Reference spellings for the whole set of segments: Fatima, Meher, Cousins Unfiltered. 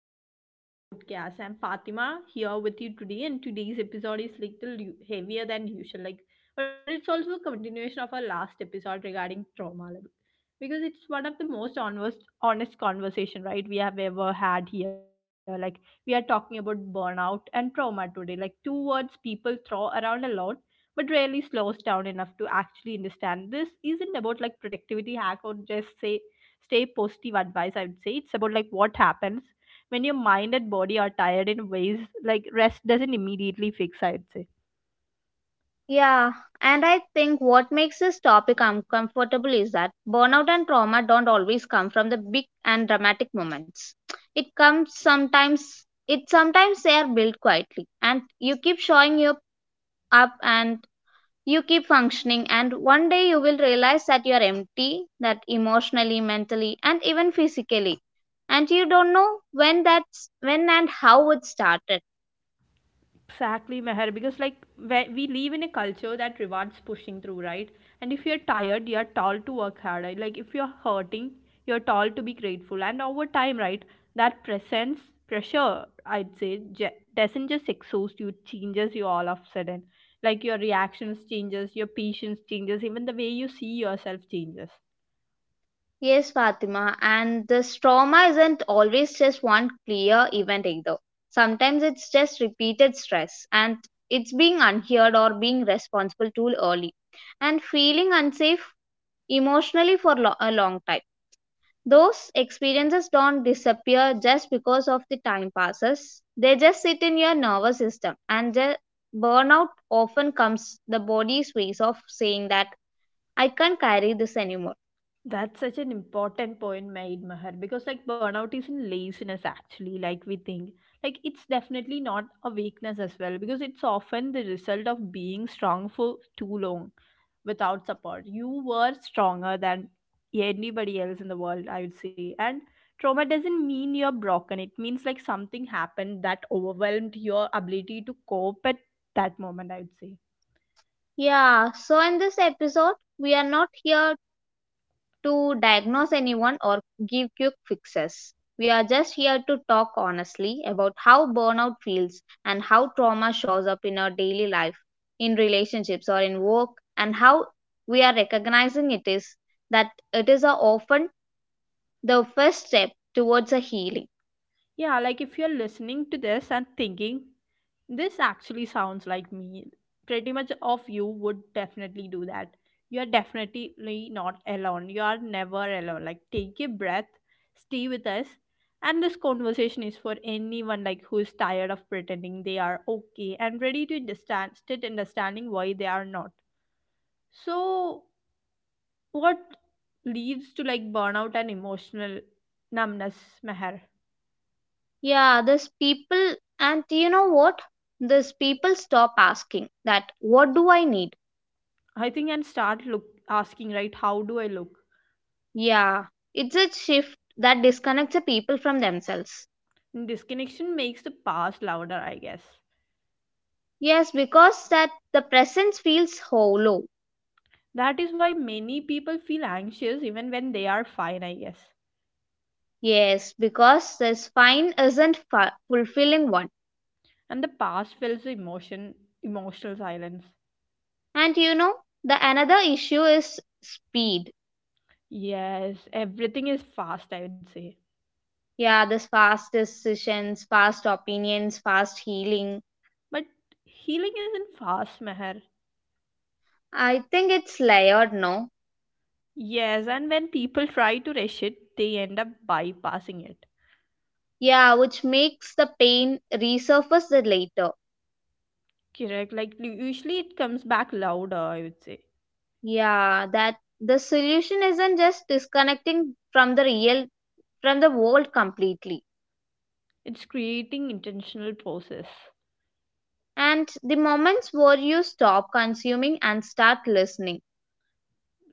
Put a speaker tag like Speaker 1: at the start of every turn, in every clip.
Speaker 1: everyone, and welcome back to the podcast. I'm Fatima here with you today, and today's episode is little heavier than usual, like, but it's also a continuation of our last episode regarding trauma, like, because it's one of the most honest conversation, right? We have ever had here. Like, we are talking about burnout and trauma today, like two words people throw around a lot, but rarely slows down enough to actually understand. This isn't about like productivity hack or just say stay positive advice, I would say. It's about like what happens when your mind and body are tired in ways like rest doesn't immediately fix, I would say.
Speaker 2: Yeah, and I think what makes this topic uncomfortable is that burnout and trauma don't always come from the big and dramatic moments. It comes sometimes, it sometimes they are built quietly, and you keep showing you up and you keep functioning, and one day you will realize that you are empty, that emotionally, mentally, and even physically. And you don't know when that's when and how it started.
Speaker 1: Exactly, Meher, because like we live in a culture that rewards pushing through, right? And if you're tired, you're told to work harder. Like if you're hurting, you're told to be grateful. And over time, right, that presents pressure, I'd say, doesn't just exhaust you, it changes you all of a sudden. Like your reactions changes, your patience changes, even the way you see yourself changes.
Speaker 2: Yes, Fatima, and this trauma isn't always just one clear event either. Sometimes it's just repeated stress and it's being unheard or being responsible too early and feeling unsafe emotionally for a long time. Those experiences don't disappear just because of the time passes. They just sit in your nervous system and the burnout often comes the body's ways of saying that I can't carry this anymore.
Speaker 1: That's such an important point made, Mahar, because like burnout isn't laziness actually, like we think. Like it's definitely not a weakness as well, because it's often the result of being strong for too long without support. You were stronger than anybody else in the world, I would say. And trauma doesn't mean you're broken, it means like something happened that overwhelmed your ability to cope at that moment, I would say.
Speaker 2: Yeah, so in this episode, we are not here to diagnose anyone or give quick fixes. We are just here to talk honestly about how burnout feels and how trauma shows up in our daily life, in relationships or in work, and how we are recognizing it is that it is a often the first step towards a healing.
Speaker 1: Yeah, like if you're listening to this and thinking, this actually sounds like me, pretty much of you would definitely do that. You are definitely not alone. You are never alone. Like, take a breath, stay with us. And this conversation is for anyone like who is tired of pretending they are okay and ready to understand, state understanding why they are not. So, what leads to like burnout and emotional numbness, Meher?
Speaker 2: Yeah, these people, and you know what? These people stop asking that, what do I need?
Speaker 1: I think and start look asking right how do I look?
Speaker 2: Yeah, it's a shift that disconnects the people from themselves.
Speaker 1: Disconnection makes the past louder, I guess.
Speaker 2: Yes, because that the presence feels hollow.
Speaker 1: That is why many people feel anxious even when they are fine, I guess.
Speaker 2: Yes, because this fine isn't fulfilling one.
Speaker 1: And the past fills the emotional silence.
Speaker 2: And you know, the another issue is speed.
Speaker 1: Yes, everything is fast, I would say.
Speaker 2: Yeah, this fast decisions, fast opinions, fast healing.
Speaker 1: But healing isn't fast, Meher.
Speaker 2: I think it's layered, no?
Speaker 1: Yes, and when people try to rush it, they end up bypassing it.
Speaker 2: Yeah, which makes the pain resurface the later.
Speaker 1: Correct, like usually it comes back louder, I would say.
Speaker 2: Yeah, that the solution isn't just disconnecting from the real, from the world completely.
Speaker 1: It's creating intentional process.
Speaker 2: And the moments where you stop consuming and start listening.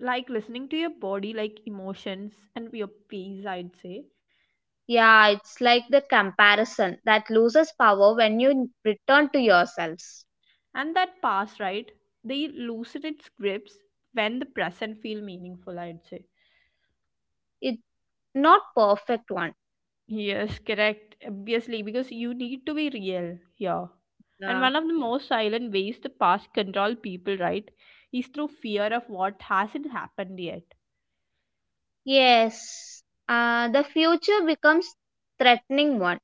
Speaker 1: Like listening to your body, like emotions and your peace, I'd say.
Speaker 2: Yeah, it's like the comparison that loses power when you return to yourselves.
Speaker 1: And that past, right, they loosen its grips when the present feel meaningful, I'd say.
Speaker 2: It's not perfect one.
Speaker 1: Yes, correct, obviously, because you need to be real here. And
Speaker 2: Yeah.
Speaker 1: one of the most silent ways the past control people, right, is through fear of what hasn't happened yet.
Speaker 2: Yes, the future becomes threatening one,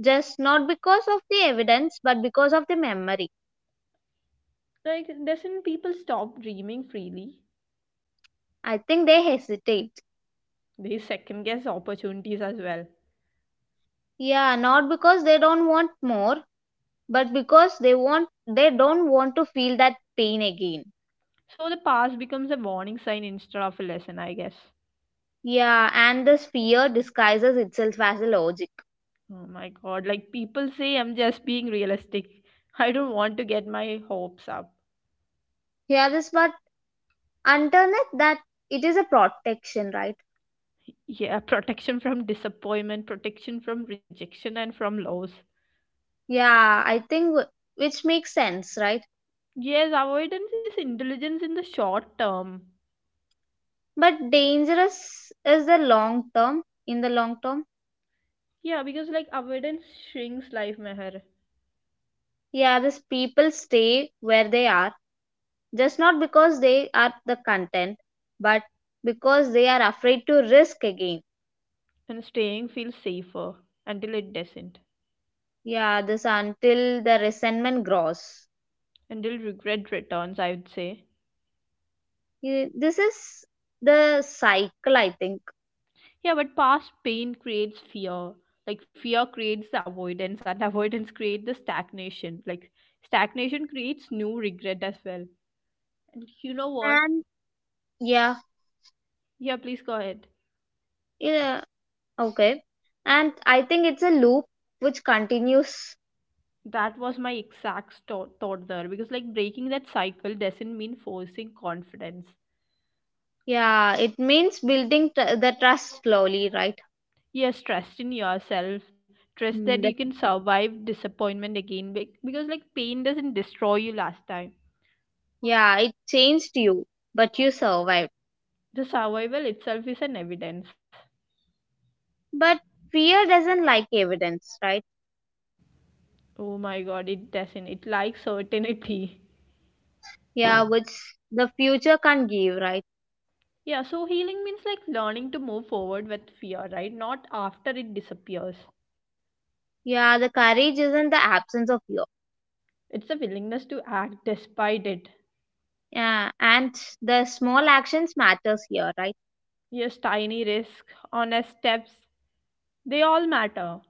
Speaker 2: just not because of the evidence, but because of the memory.
Speaker 1: Like doesn't people stop dreaming freely.
Speaker 2: I think they hesitate.
Speaker 1: They second guess opportunities as well.
Speaker 2: Yeah, not because they don't want more, but because they don't want to feel that pain again.
Speaker 1: So the past becomes a warning sign instead of a lesson, I guess.
Speaker 2: Yeah, and this fear disguises itself as a logic.
Speaker 1: Oh my god, like people say I'm just being realistic. I don't want to get my hopes up.
Speaker 2: Yeah, this but underneath that it is a protection, right?
Speaker 1: Yeah, protection from disappointment, protection from rejection, and from loss.
Speaker 2: Yeah, which makes sense, right?
Speaker 1: Yes, avoidance is intelligence in the short term.
Speaker 2: But dangerous is the long term. In the long term,
Speaker 1: Yeah, because like avoidance shrinks life, Meher,
Speaker 2: yeah, these people stay where they are just not because they are the content, but because they are afraid to risk again.
Speaker 1: and staying feels safer until it doesn't,
Speaker 2: Yeah, this until the resentment grows.
Speaker 1: until regret returns, I would say.
Speaker 2: Yeah, this is the cycle, I think.
Speaker 1: Yeah, but past pain creates fear. Like fear creates the avoidance, and avoidance creates the stagnation. Like stagnation creates new regret as well. And you know what?
Speaker 2: And yeah,
Speaker 1: Yeah, please go ahead.
Speaker 2: yeah, okay. And I think it's a loop which continues.
Speaker 1: That was my exact thought there because like breaking that cycle doesn't mean forcing confidence.
Speaker 2: Yeah, it means building the trust slowly, right?
Speaker 1: Yes, trust in yourself. Trust that
Speaker 2: Mm,
Speaker 1: you
Speaker 2: that,
Speaker 1: can survive disappointment again because like pain doesn't destroy you last time.
Speaker 2: yeah, it changed you, but you survived.
Speaker 1: The survival itself is an evidence.
Speaker 2: But fear doesn't like evidence, right?
Speaker 1: Oh my god, it doesn't. It likes certainty.
Speaker 2: Yeah, which the future can't give, right?
Speaker 1: Yeah, so healing means like learning to move forward with fear, right? Not after it disappears.
Speaker 2: Yeah, the courage isn't the absence of fear.
Speaker 1: It's the willingness to act despite it.
Speaker 2: Yeah, and the small actions matters here, right?
Speaker 1: Yes, tiny risk, honest steps, they all matter.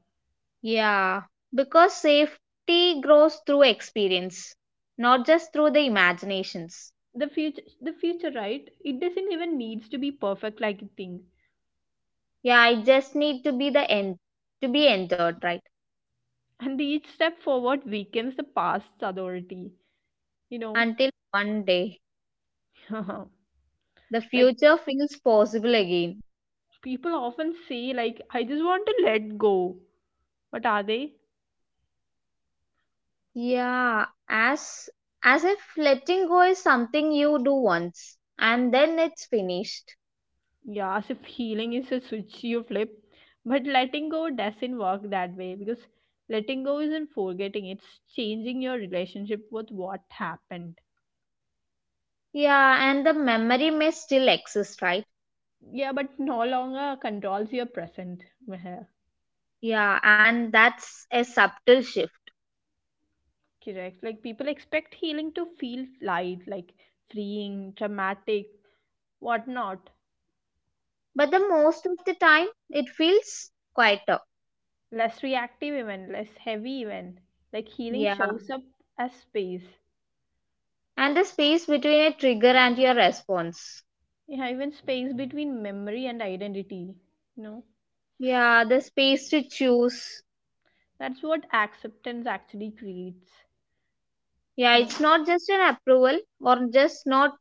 Speaker 2: Yeah, because safety grows through experience, not just through the imaginations.
Speaker 1: The future, right? It doesn't even needs to be perfect like you think.
Speaker 2: Yeah, I just need to be the end to be entered, right?
Speaker 1: And each step forward weakens the past's authority. You know,
Speaker 2: Until one day the
Speaker 1: like
Speaker 2: future feels possible again.
Speaker 1: people often say, like I just want to let go. What are they?
Speaker 2: Yeah, as if letting go is something you do once and then it's finished.
Speaker 1: Yeah, as if healing is a switch you flip. But letting go doesn't work that way because letting go isn't forgetting, it's changing your relationship with what happened.
Speaker 2: Yeah, and the memory may still exist, right?
Speaker 1: Yeah, but no longer controls your present. Meher.
Speaker 2: Yeah, and that's a subtle shift
Speaker 1: Correct. Like people expect healing to feel light, like freeing, dramatic, whatnot.
Speaker 2: but the most of the time it feels quieter.
Speaker 1: Less reactive, even less heavy, even. Like healing
Speaker 2: Yeah.
Speaker 1: shows up as space.
Speaker 2: And the space between a trigger and your response.
Speaker 1: Yeah, even space between memory and identity. No.
Speaker 2: Yeah, the space to choose.
Speaker 1: That's what acceptance actually creates.
Speaker 2: Yeah,
Speaker 1: You know,
Speaker 2: it's not just an approval or just not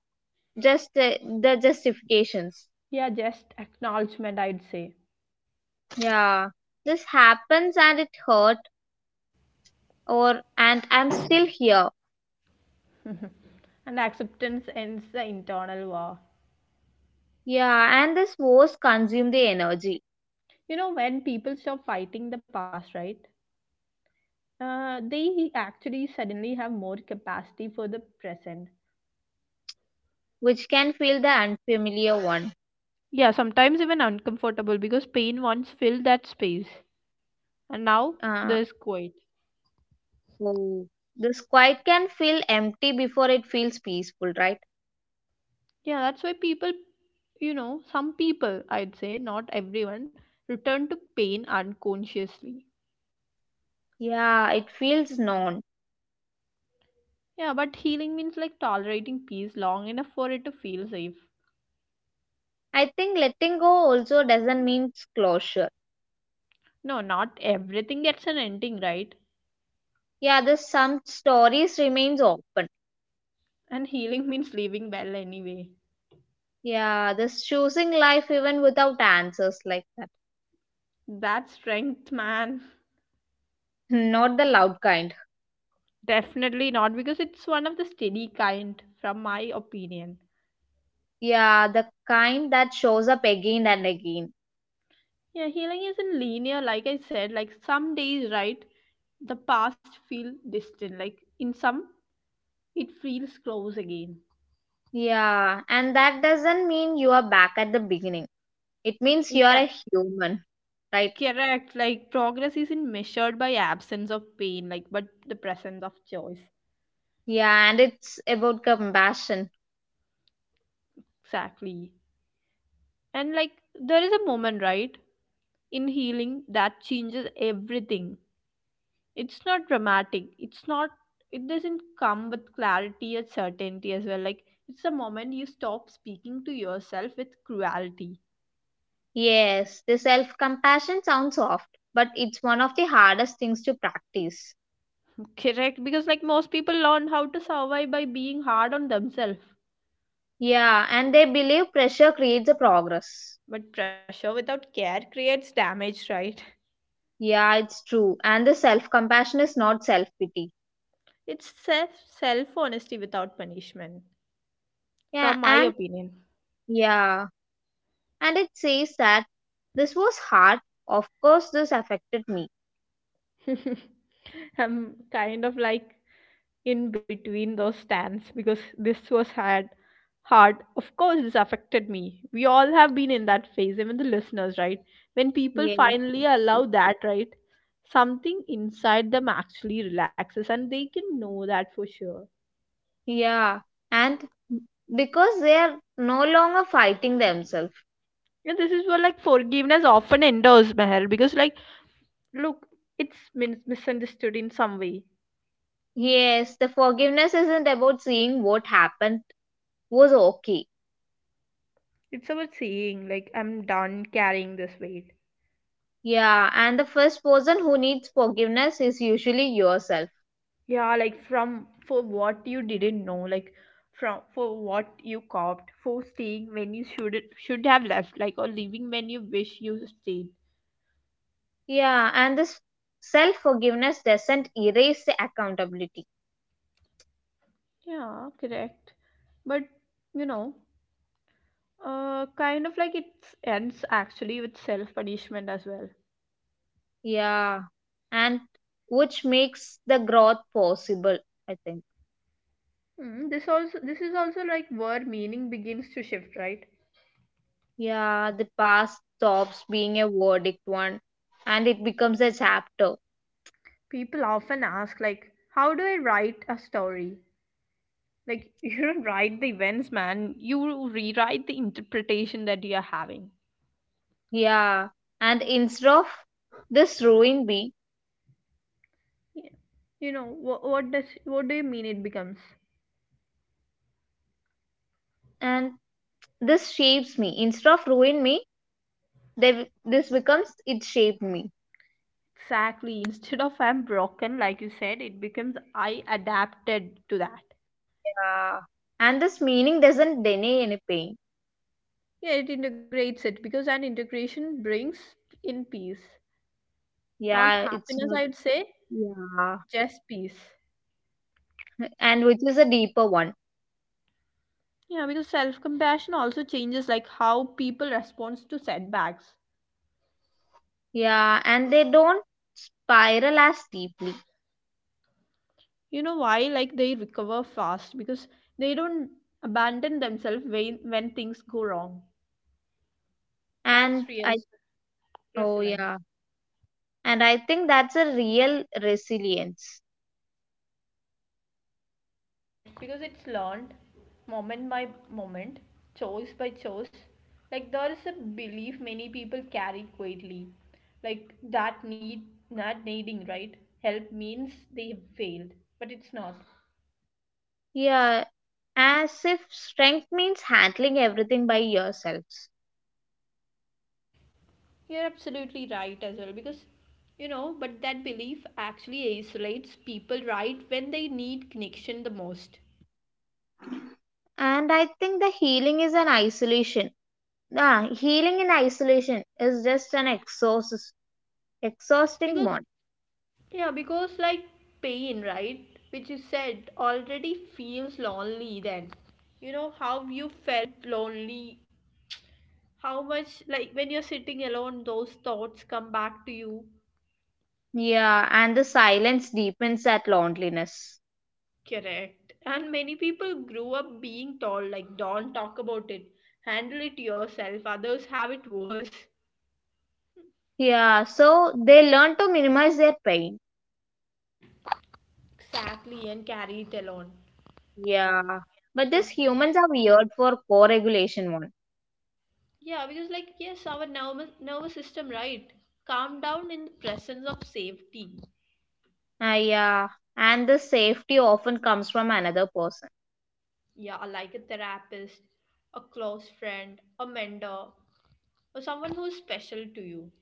Speaker 2: just the justifications.
Speaker 1: yeah, just acknowledgement, I'd say.
Speaker 2: Yeah. This happens and it hurt or and I'm still here.
Speaker 1: And acceptance ends the internal war.
Speaker 2: Yeah, and this was consume the energy,
Speaker 1: You know, when people stop fighting the past, right? They actually suddenly have more capacity for the present.
Speaker 2: which can feel the unfamiliar one.
Speaker 1: Yeah, sometimes even uncomfortable because pain once filled that space and now
Speaker 2: Uh,
Speaker 1: there's quiet.
Speaker 2: Oh, this quiet can feel empty before it feels peaceful, right?
Speaker 1: Yeah, that's why people, some people, I'd say, not everyone, return to pain unconsciously.
Speaker 2: Yeah, it feels known.
Speaker 1: Yeah, but healing means like tolerating peace long enough for it to feel safe.
Speaker 2: I think letting go also doesn't mean closure.
Speaker 1: No, not everything gets an ending, right?
Speaker 2: Yeah, there's some stories remains open.
Speaker 1: And healing means leaving well anyway.
Speaker 2: Yeah, this choosing life even without answers like that.
Speaker 1: That's strength, man.
Speaker 2: Not the loud kind.
Speaker 1: Definitely not because it's one of the steady kind, from my opinion.
Speaker 2: Yeah, the kind that shows up again and again.
Speaker 1: Yeah, healing isn't linear, like I said. Like some days, right, the past feel distant. Like in some, it feels close again.
Speaker 2: Yeah, and that doesn't mean you are back at the beginning. It means
Speaker 1: It
Speaker 2: you are a human, right?
Speaker 1: correct. Like progress isn't measured by absence of pain, like but the presence of choice.
Speaker 2: Yeah, and it's about compassion.
Speaker 1: Exactly. And like there is a moment, right, in healing that changes everything. It's not dramatic. It's not it doesn't come with clarity or certainty as well. Like it's a moment you stop speaking to yourself with cruelty.
Speaker 2: Yes, the self compassion sounds soft, but it's one of the hardest things to practice.
Speaker 1: Correct, because like most people learn how to survive by being hard on themselves.
Speaker 2: Yeah, and they believe pressure creates a progress.
Speaker 1: But pressure without care creates damage, right?
Speaker 2: Yeah, it's true. And the self compassion is not self pity.
Speaker 1: It's self honesty without punishment,
Speaker 2: Yeah,
Speaker 1: from my opinion.
Speaker 2: yeah, and it says that this was hard. Of course, this affected me.
Speaker 1: I'm kind of like in between those stands because this was hard. Hard, of course, this affected me. We all have been in that phase, even the listeners, right? When people
Speaker 2: Yes.
Speaker 1: finally allow that, right? Something inside them actually relaxes, and they can know that for sure.
Speaker 2: Yeah, and because they are no longer fighting themselves.
Speaker 1: And this is where like forgiveness often endures, Meher, because like, look, it's misunderstood in some way.
Speaker 2: Yes, the forgiveness isn't about seeing what happened was okay.
Speaker 1: It's about saying, like, I'm done carrying this weight.
Speaker 2: Yeah, and the first person who needs forgiveness is usually yourself.
Speaker 1: Yeah, like, from for what you didn't know, like, from for what you copped, for staying when you should have left, like, or leaving when you wish you stayed.
Speaker 2: Yeah, and this self forgiveness doesn't erase the accountability.
Speaker 1: Yeah, correct. But you know, kind of like it ends actually with self punishment as well.
Speaker 2: Yeah, and which makes the growth possible, I think.
Speaker 1: Mm, this also this is also like where meaning begins to shift, right?
Speaker 2: Yeah, the past stops being a verdict one and it becomes a chapter.
Speaker 1: People often ask like, how do I write a story? Like you don't write the events, man. You rewrite the interpretation that you are having.
Speaker 2: Yeah, and instead of this ruin me
Speaker 1: Yeah. You know what? What does? What do you mean? It becomes
Speaker 2: and this shapes me, instead of ruin me, they, this becomes it shaped me.
Speaker 1: exactly instead of I'm broken, like you said, it becomes I adapted to that.
Speaker 2: Yeah. And this meaning doesn't deny any pain.
Speaker 1: Yeah, it integrates it because an integration brings in peace, not
Speaker 2: Yeah, it's
Speaker 1: happiness.
Speaker 2: not.
Speaker 1: I would say
Speaker 2: Yeah.
Speaker 1: just peace.
Speaker 2: And which is a deeper one.
Speaker 1: Yeah, because self compassion also changes like how people responds to setbacks.
Speaker 2: Yeah. And they don't spiral as deeply.
Speaker 1: You know why, like they recover fast because they don't abandon themselves when things go wrong. That's
Speaker 2: And
Speaker 1: real
Speaker 2: I, oh,
Speaker 1: resilience
Speaker 2: yeah. And I think that's a real resilience.
Speaker 1: because it's learned moment by moment, choice by choice. Like there is a belief many people carry quietly, like that need not needing, right, help means they have failed, but it's not.
Speaker 2: Yeah. As if strength means handling everything by yourselves.
Speaker 1: You're absolutely right as well because, you know, but that belief actually isolates people right when they need connection the most.
Speaker 2: And I think the healing is an isolation. Ah, healing in isolation is just an exhausting
Speaker 1: Because,
Speaker 2: one.
Speaker 1: yeah, because like pain, right, which you said already feels lonely then. You know how you felt lonely, how much like when you're sitting alone those thoughts come back to you.
Speaker 2: Yeah, and the silence deepens that loneliness.
Speaker 1: Correct. And many people grew up being told like don't talk about it. Handle it yourself. Others have it worse.
Speaker 2: Yeah, so they learn to minimize their pain.
Speaker 1: Exactly, and carry it along.
Speaker 2: Yeah, but
Speaker 1: But
Speaker 2: these humans are weird for co-regulation one.
Speaker 1: yeah, because like yes, our nervous system, right? Calm down in the presence of safety.
Speaker 2: Ah, yeah, and the safety often comes from another person.
Speaker 1: Yeah, like a therapist, a close friend, a mentor, or someone who's special to you.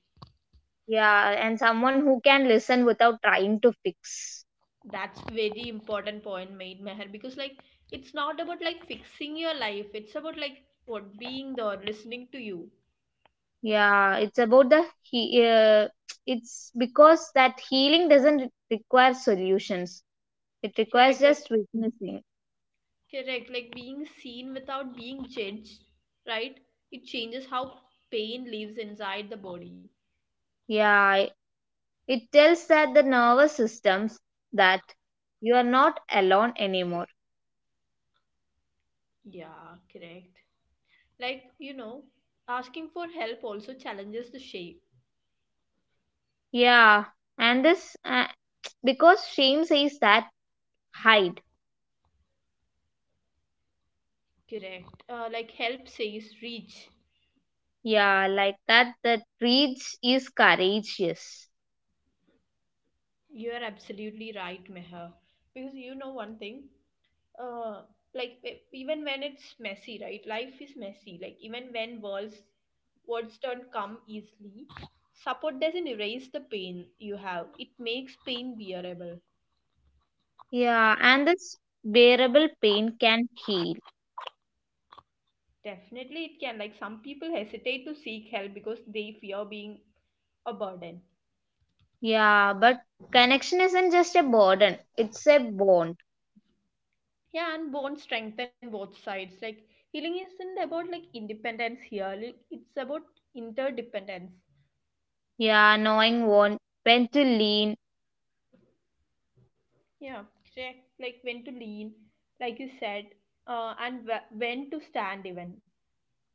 Speaker 2: Yeah, and someone who can listen without trying to fix.
Speaker 1: That's very important point made, Meher, because like it's not about like fixing your life. It's about like what being there, listening to you.
Speaker 2: Yeah, it's about the he. It's because that healing doesn't require solutions. It requires
Speaker 1: Correct. Like
Speaker 2: just witnessing.
Speaker 1: correct, like being seen without being judged, right? It changes how pain lives inside the body.
Speaker 2: Yeah, it tells that the nervous systems that you are not alone anymore.
Speaker 1: Yeah, correct. Like, you know, asking for help also challenges the shape.
Speaker 2: Yeah, and this because shame says that hide.
Speaker 1: Correct. Like, help says reach.
Speaker 2: Yeah, like that the reach is courageous.
Speaker 1: You are absolutely right, Meher. Because you know one thing, uh, like even when it's messy, right? Life is messy. Like, even when words don't come easily, support doesn't erase the pain you have, it makes pain bearable.
Speaker 2: Yeah, and this bearable pain can heal.
Speaker 1: Definitely it can. Like, some people hesitate to seek help because they fear being a burden.
Speaker 2: Yeah, but connection isn't just a burden, it's a bond.
Speaker 1: Yeah, and bone strengthen both sides. Like, healing isn't about like independence here, like, it's about interdependence.
Speaker 2: Yeah, knowing one when to lean.
Speaker 1: Yeah, check, like, when to lean, like you said, and when to stand even.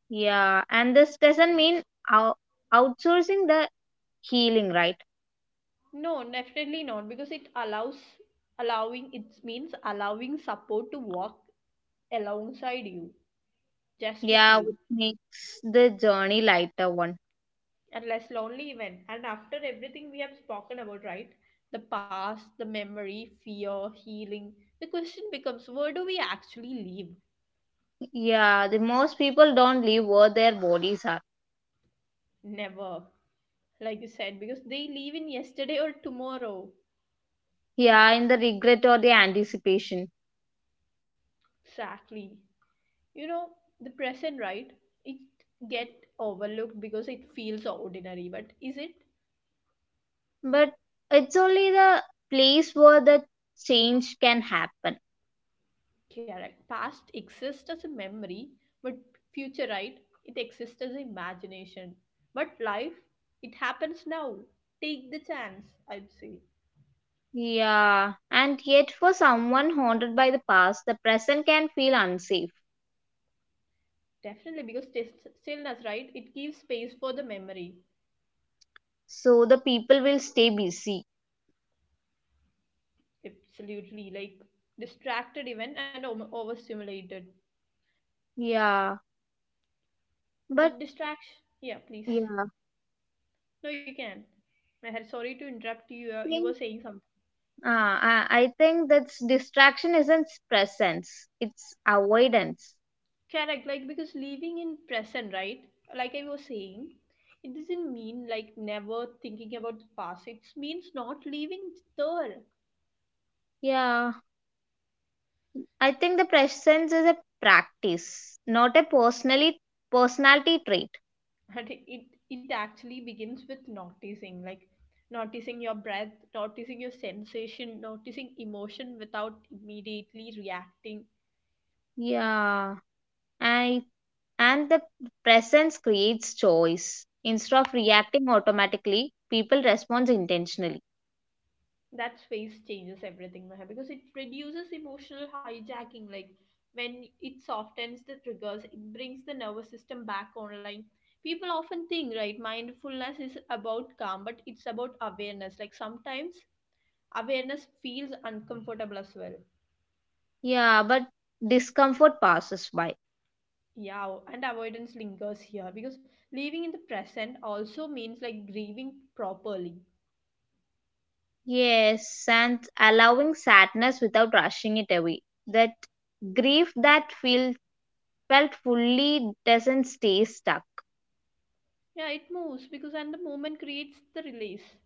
Speaker 2: Yeah, and this doesn't mean out- outsourcing the healing, right?
Speaker 1: No, definitely not, because it allows allowing it means allowing support to walk alongside you, just with
Speaker 2: Yeah, which
Speaker 1: you,
Speaker 2: makes the journey lighter one.
Speaker 1: and less lonely even. And after everything we have spoken about, right? The past, the memory, fear, healing, the question becomes, where do we actually live?
Speaker 2: Yeah, the most people don't leave where their bodies are.
Speaker 1: Never, like you said, because they live in yesterday or tomorrow.
Speaker 2: Yeah, in the regret or the anticipation.
Speaker 1: Exactly. You know, the present, right? It get overlooked because it feels ordinary, but is it?
Speaker 2: But it's only the place where the change can happen.
Speaker 1: Correct. Past exists as a memory, but future, right, it exists as imagination, but life, it happens now. Take the chance, I'd say.
Speaker 2: Yeah, and yet for someone haunted by the past, the present can feel unsafe.
Speaker 1: Definitely, because stillness, right, it gives space for the memory.
Speaker 2: So the people will stay busy.
Speaker 1: Absolutely, like distracted even and overstimulated.
Speaker 2: Yeah, but
Speaker 1: But distraction, yeah, please.
Speaker 2: yeah,
Speaker 1: No, you can. I had, sorry to interrupt you. You were
Speaker 2: think
Speaker 1: saying something.
Speaker 2: I think that distraction isn't presence, it's avoidance.
Speaker 1: Correct, like because living in present, right? Like I was saying, it doesn't mean like never thinking about the past. It means not living there.
Speaker 2: Yeah, I think the presence is a practice, not a personally personality trait.
Speaker 1: And it actually begins with noticing, like noticing your breath, noticing your sensation, noticing emotion without immediately reacting.
Speaker 2: Yeah, I and the presence creates choice. Instead of reacting automatically, people respond intentionally.
Speaker 1: That space changes everything, Maha, because it reduces emotional hijacking. Like when it softens the triggers, it brings the nervous system back online. People often think, right, mindfulness is about calm, but it's about awareness. Like, sometimes awareness feels uncomfortable as well.
Speaker 2: Yeah, but discomfort passes by.
Speaker 1: Yeah, and avoidance lingers here, because living in the present also means like grieving properly.
Speaker 2: Yes, and allowing sadness without rushing it away. That grief that feel felt fully doesn't stay stuck.
Speaker 1: Yeah, it moves, because and the moment creates the release.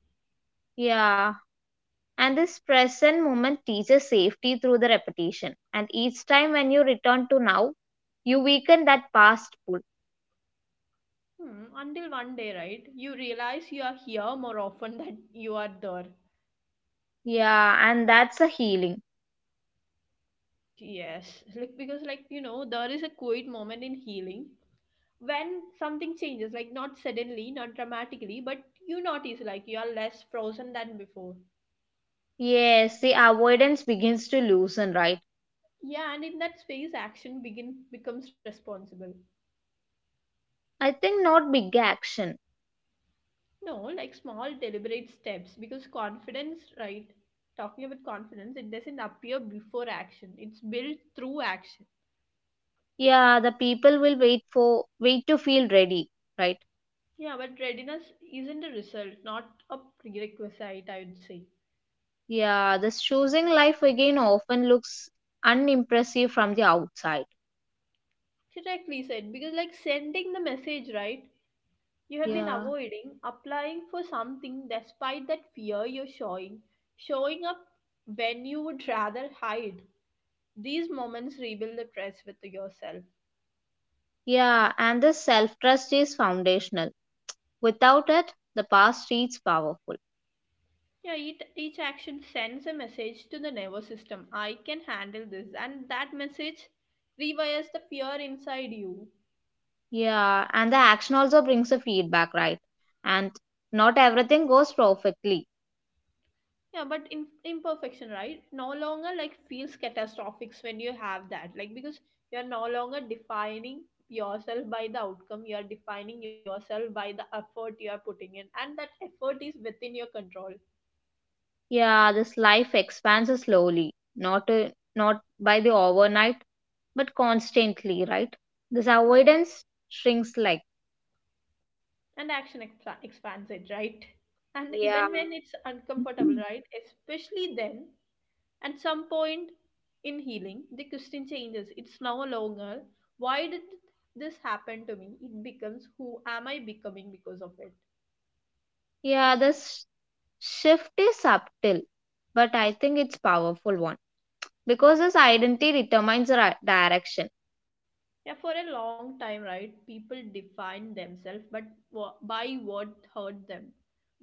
Speaker 2: Yeah, and this present moment teaches safety through the repetition. And each time when you return to now, you weaken that past pull.
Speaker 1: Hmm, until one day, right? You realize you are here more often than you are there.
Speaker 2: Yeah, and that's a healing.
Speaker 1: Yes, like because like you know, there is a quiet moment in healing when something changes, like not suddenly, not dramatically, but you notice like you are less frozen than before.
Speaker 2: Yes, the avoidance begins to loosen, right?
Speaker 1: Yeah, and in that space, action begin becomes responsible.
Speaker 2: I think not big action.
Speaker 1: No, like small deliberate steps, because confidence, right? Talking about confidence, it doesn't appear before action. It's built through action.
Speaker 2: Yeah, the people will wait to feel ready, right?
Speaker 1: Yeah, but readiness isn't a result, not a prerequisite, I would say.
Speaker 2: Yeah, this choosing life again often looks unimpressive from the outside.
Speaker 1: Correctly said, because like sending the message, right? You have been
Speaker 2: Yeah.
Speaker 1: avoiding applying for something despite that fear you're showing, showing up when you would rather hide. These moments rebuild the trust with yourself.
Speaker 2: Yeah, and the self trust is foundational. Without it, the past feels powerful.
Speaker 1: Yeah, each action sends a message to the nervous system, I can handle this, and that message rewires the fear inside you.
Speaker 2: Yeah, and the action also brings a feedback, right? And not everything goes perfectly.
Speaker 1: Yeah, but in imperfection, right? No longer like feels catastrophic when you have that. Like, because you're no longer defining yourself by the outcome, you are defining yourself by the effort you are putting in, and that effort is within your control.
Speaker 2: Yeah, this life expands slowly, not by the overnight, but constantly, right? This
Speaker 1: Yeah,
Speaker 2: avoidance shrinks like
Speaker 1: and action expands it, right? And
Speaker 2: yeah.
Speaker 1: even when it's uncomfortable, right? Especially then, at some point in healing, the question changes. It's no longer, why did this happen to me? It becomes, who am I becoming because of it.
Speaker 2: Yeah,
Speaker 1: This-
Speaker 2: this shift is subtle, but I think it's powerful one because this identity determines the direction.
Speaker 1: Yeah, for a long time, right? People define themselves, but by what hurt them,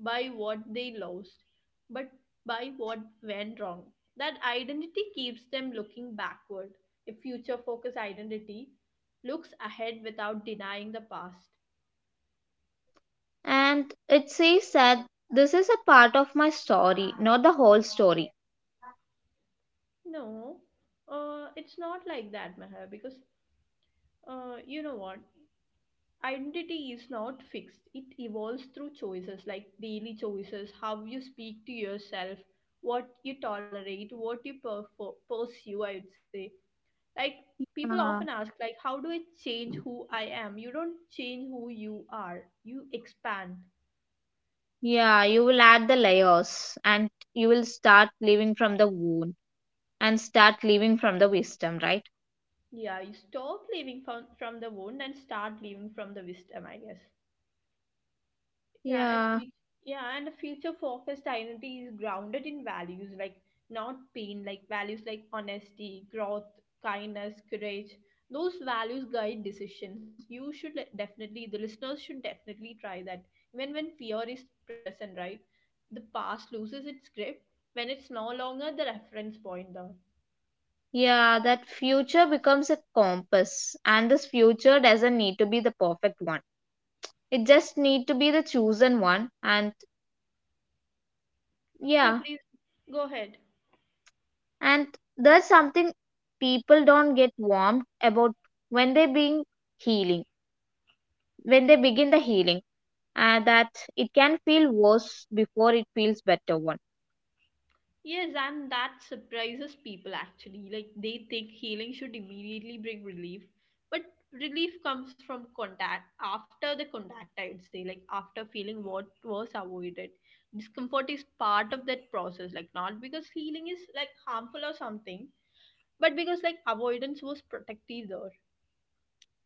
Speaker 1: by what they lost, but by what went wrong. That identity keeps them looking backward. A future-focused identity looks ahead without denying the past.
Speaker 2: And it says that this is a part of my story, not the whole story.
Speaker 1: No, it's not like that, Meher, because you know what? Identity is not fixed, it evolves through choices, like daily choices, how you speak to yourself, what you tolerate, what you pursue, I would say. Like, people
Speaker 2: Uh,
Speaker 1: often ask, like, how do I change who I am? You don't change who you are, you expand.
Speaker 2: Yeah, you will add the layers and you will start living from the wound and start living from the wisdom, right?
Speaker 1: Yeah, you stop living from the wound and start living from the wisdom, I guess. Yeah, a
Speaker 2: Yeah,
Speaker 1: future, yeah, and a future focused identity is grounded in values, like not pain, like values like honesty, growth, kindness, courage. Those values guide decisions. You should definitely, the listeners should definitely try that. Even when fear is present, right? The past loses its grip when it's no longer the reference point, though.
Speaker 2: yeah, that future becomes a compass and this future doesn't need to be the perfect one. It just need to be the chosen one and
Speaker 1: Yeah,
Speaker 2: yeah,
Speaker 1: please go ahead.
Speaker 2: and that's something people don't get warmed about when they being healing, when they begin the healing that it can feel worse before it feels better one.
Speaker 1: Yes, and that surprises people actually. Like they think healing should immediately bring relief, but relief comes from contact after the contact, I'd say, like after feeling what was avoided. Discomfort is part of that process, like not because healing is like harmful or something, but because like avoidance was protective there.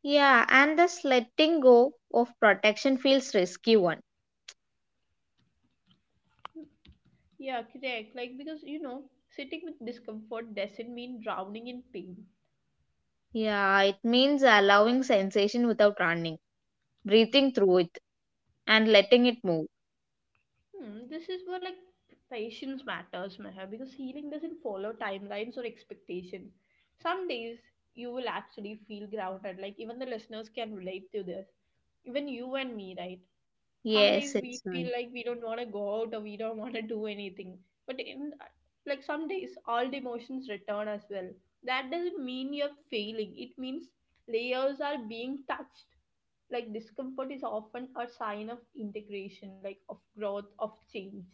Speaker 2: Yeah, and this letting go of protection feels risky one.
Speaker 1: Yeah, correct. Like because you know, sitting with discomfort doesn't mean drowning in pain.
Speaker 2: Yeah, it means allowing sensation without running, breathing through it, and letting it move.
Speaker 1: Hmm, this is where like patience matters, Meher, because healing doesn't follow timelines or expectation. Some days you will actually feel grounded, like even the listeners can relate to this. Even you and me, right? Some days
Speaker 2: Yes,
Speaker 1: we
Speaker 2: it's
Speaker 1: feel
Speaker 2: right.
Speaker 1: like we don't want to go out or we don't want to do anything, but in, like, some days all the emotions return as well. That doesn't mean you're failing, it means layers are being touched. Like discomfort is often a sign of integration, like of growth, of change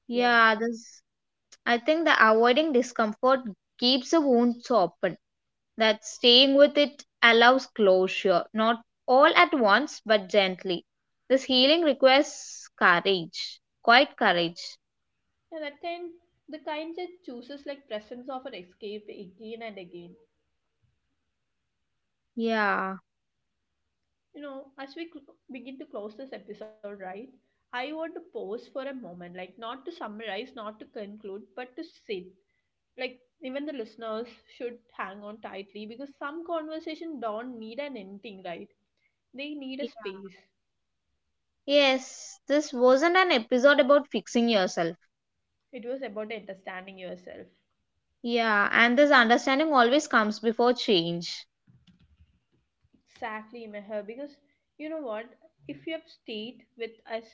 Speaker 1: here.
Speaker 2: Yeah, this I think the avoiding discomfort keeps the wounds open. That staying with it allows closure, not all at once, but gently. This healing requires courage, quite courage.
Speaker 1: And at the end, the kind that chooses like presence of an escape again and again.
Speaker 2: Yeah.
Speaker 1: You know, as we begin to close this episode, right, I want to pause for a moment, like not to summarize, not to conclude, but to sit. Like, even the listeners should hang on tightly, because some conversation don't need an ending, right? They need a space.
Speaker 2: Yes, this wasn't an episode about fixing yourself.
Speaker 1: It was about understanding yourself.
Speaker 2: Yeah, and this understanding always comes before change.
Speaker 1: Exactly, Meher, because you know what? If you have stayed with us,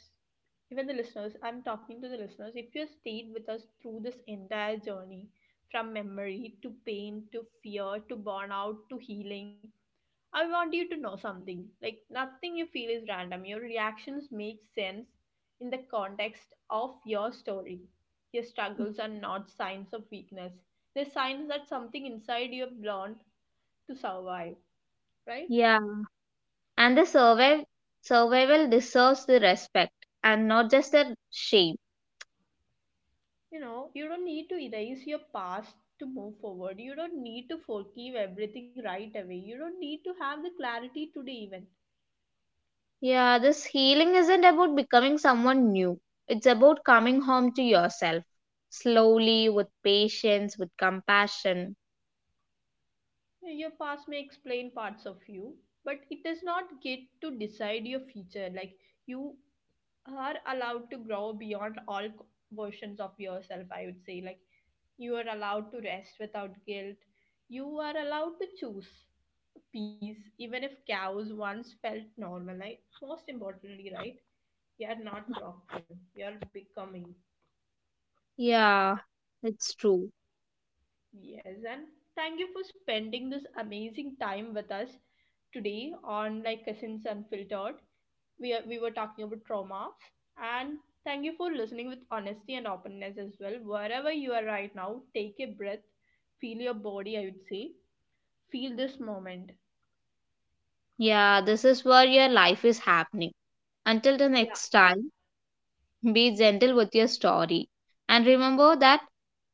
Speaker 1: even the listeners, I'm talking to the listeners, if you have stayed with us through this entire journey from memory to pain to fear to burnout to healing, I want you to know something. Like, nothing you feel is random. Your reactions make sense in the context of your story. Your struggles are not signs of weakness, they're signs that something inside you have learned to survive, right?
Speaker 2: Yeah. And the survive survival deserves the respect and not just the shame.
Speaker 1: You know, you don't need to erase your past to move forward. You don't need to forgive everything right away. You don't need to have the clarity today, even.
Speaker 2: Yeah, this healing isn't about becoming someone new. It's about coming home to yourself. Slowly, with patience, with compassion.
Speaker 1: Yeah, your past may explain parts of you, but it does not get to decide your future. Like, you are allowed to grow beyond all versions of yourself, I would say. Like, you are allowed to rest without guilt. You are allowed to choose peace, even if cows once felt normal, like most importantly, right? You're not talking, you're becoming.
Speaker 2: Yeah, it's true.
Speaker 1: Yes, and thank you for spending this amazing time with us today on, like, Cousins Unfiltered. We were talking about trauma, and thank you for listening with honesty and openness as well. Wherever you are right now, take a breath, feel your body, I would say, feel this moment.
Speaker 2: Yeah, this is where your life is happening. Until the
Speaker 1: Yeah,
Speaker 2: next time. Be gentle with your story. And remember that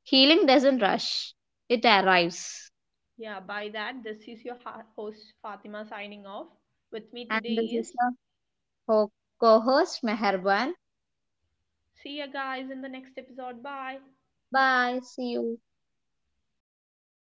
Speaker 2: healing doesn't rush, it arrives.
Speaker 1: yeah, by that, this is your host Fatima signing off. With me
Speaker 2: And
Speaker 1: today
Speaker 2: this
Speaker 1: is,
Speaker 2: is the co host, Meherban.
Speaker 1: see you guys in the next episode. Bye.
Speaker 2: Bye. See you.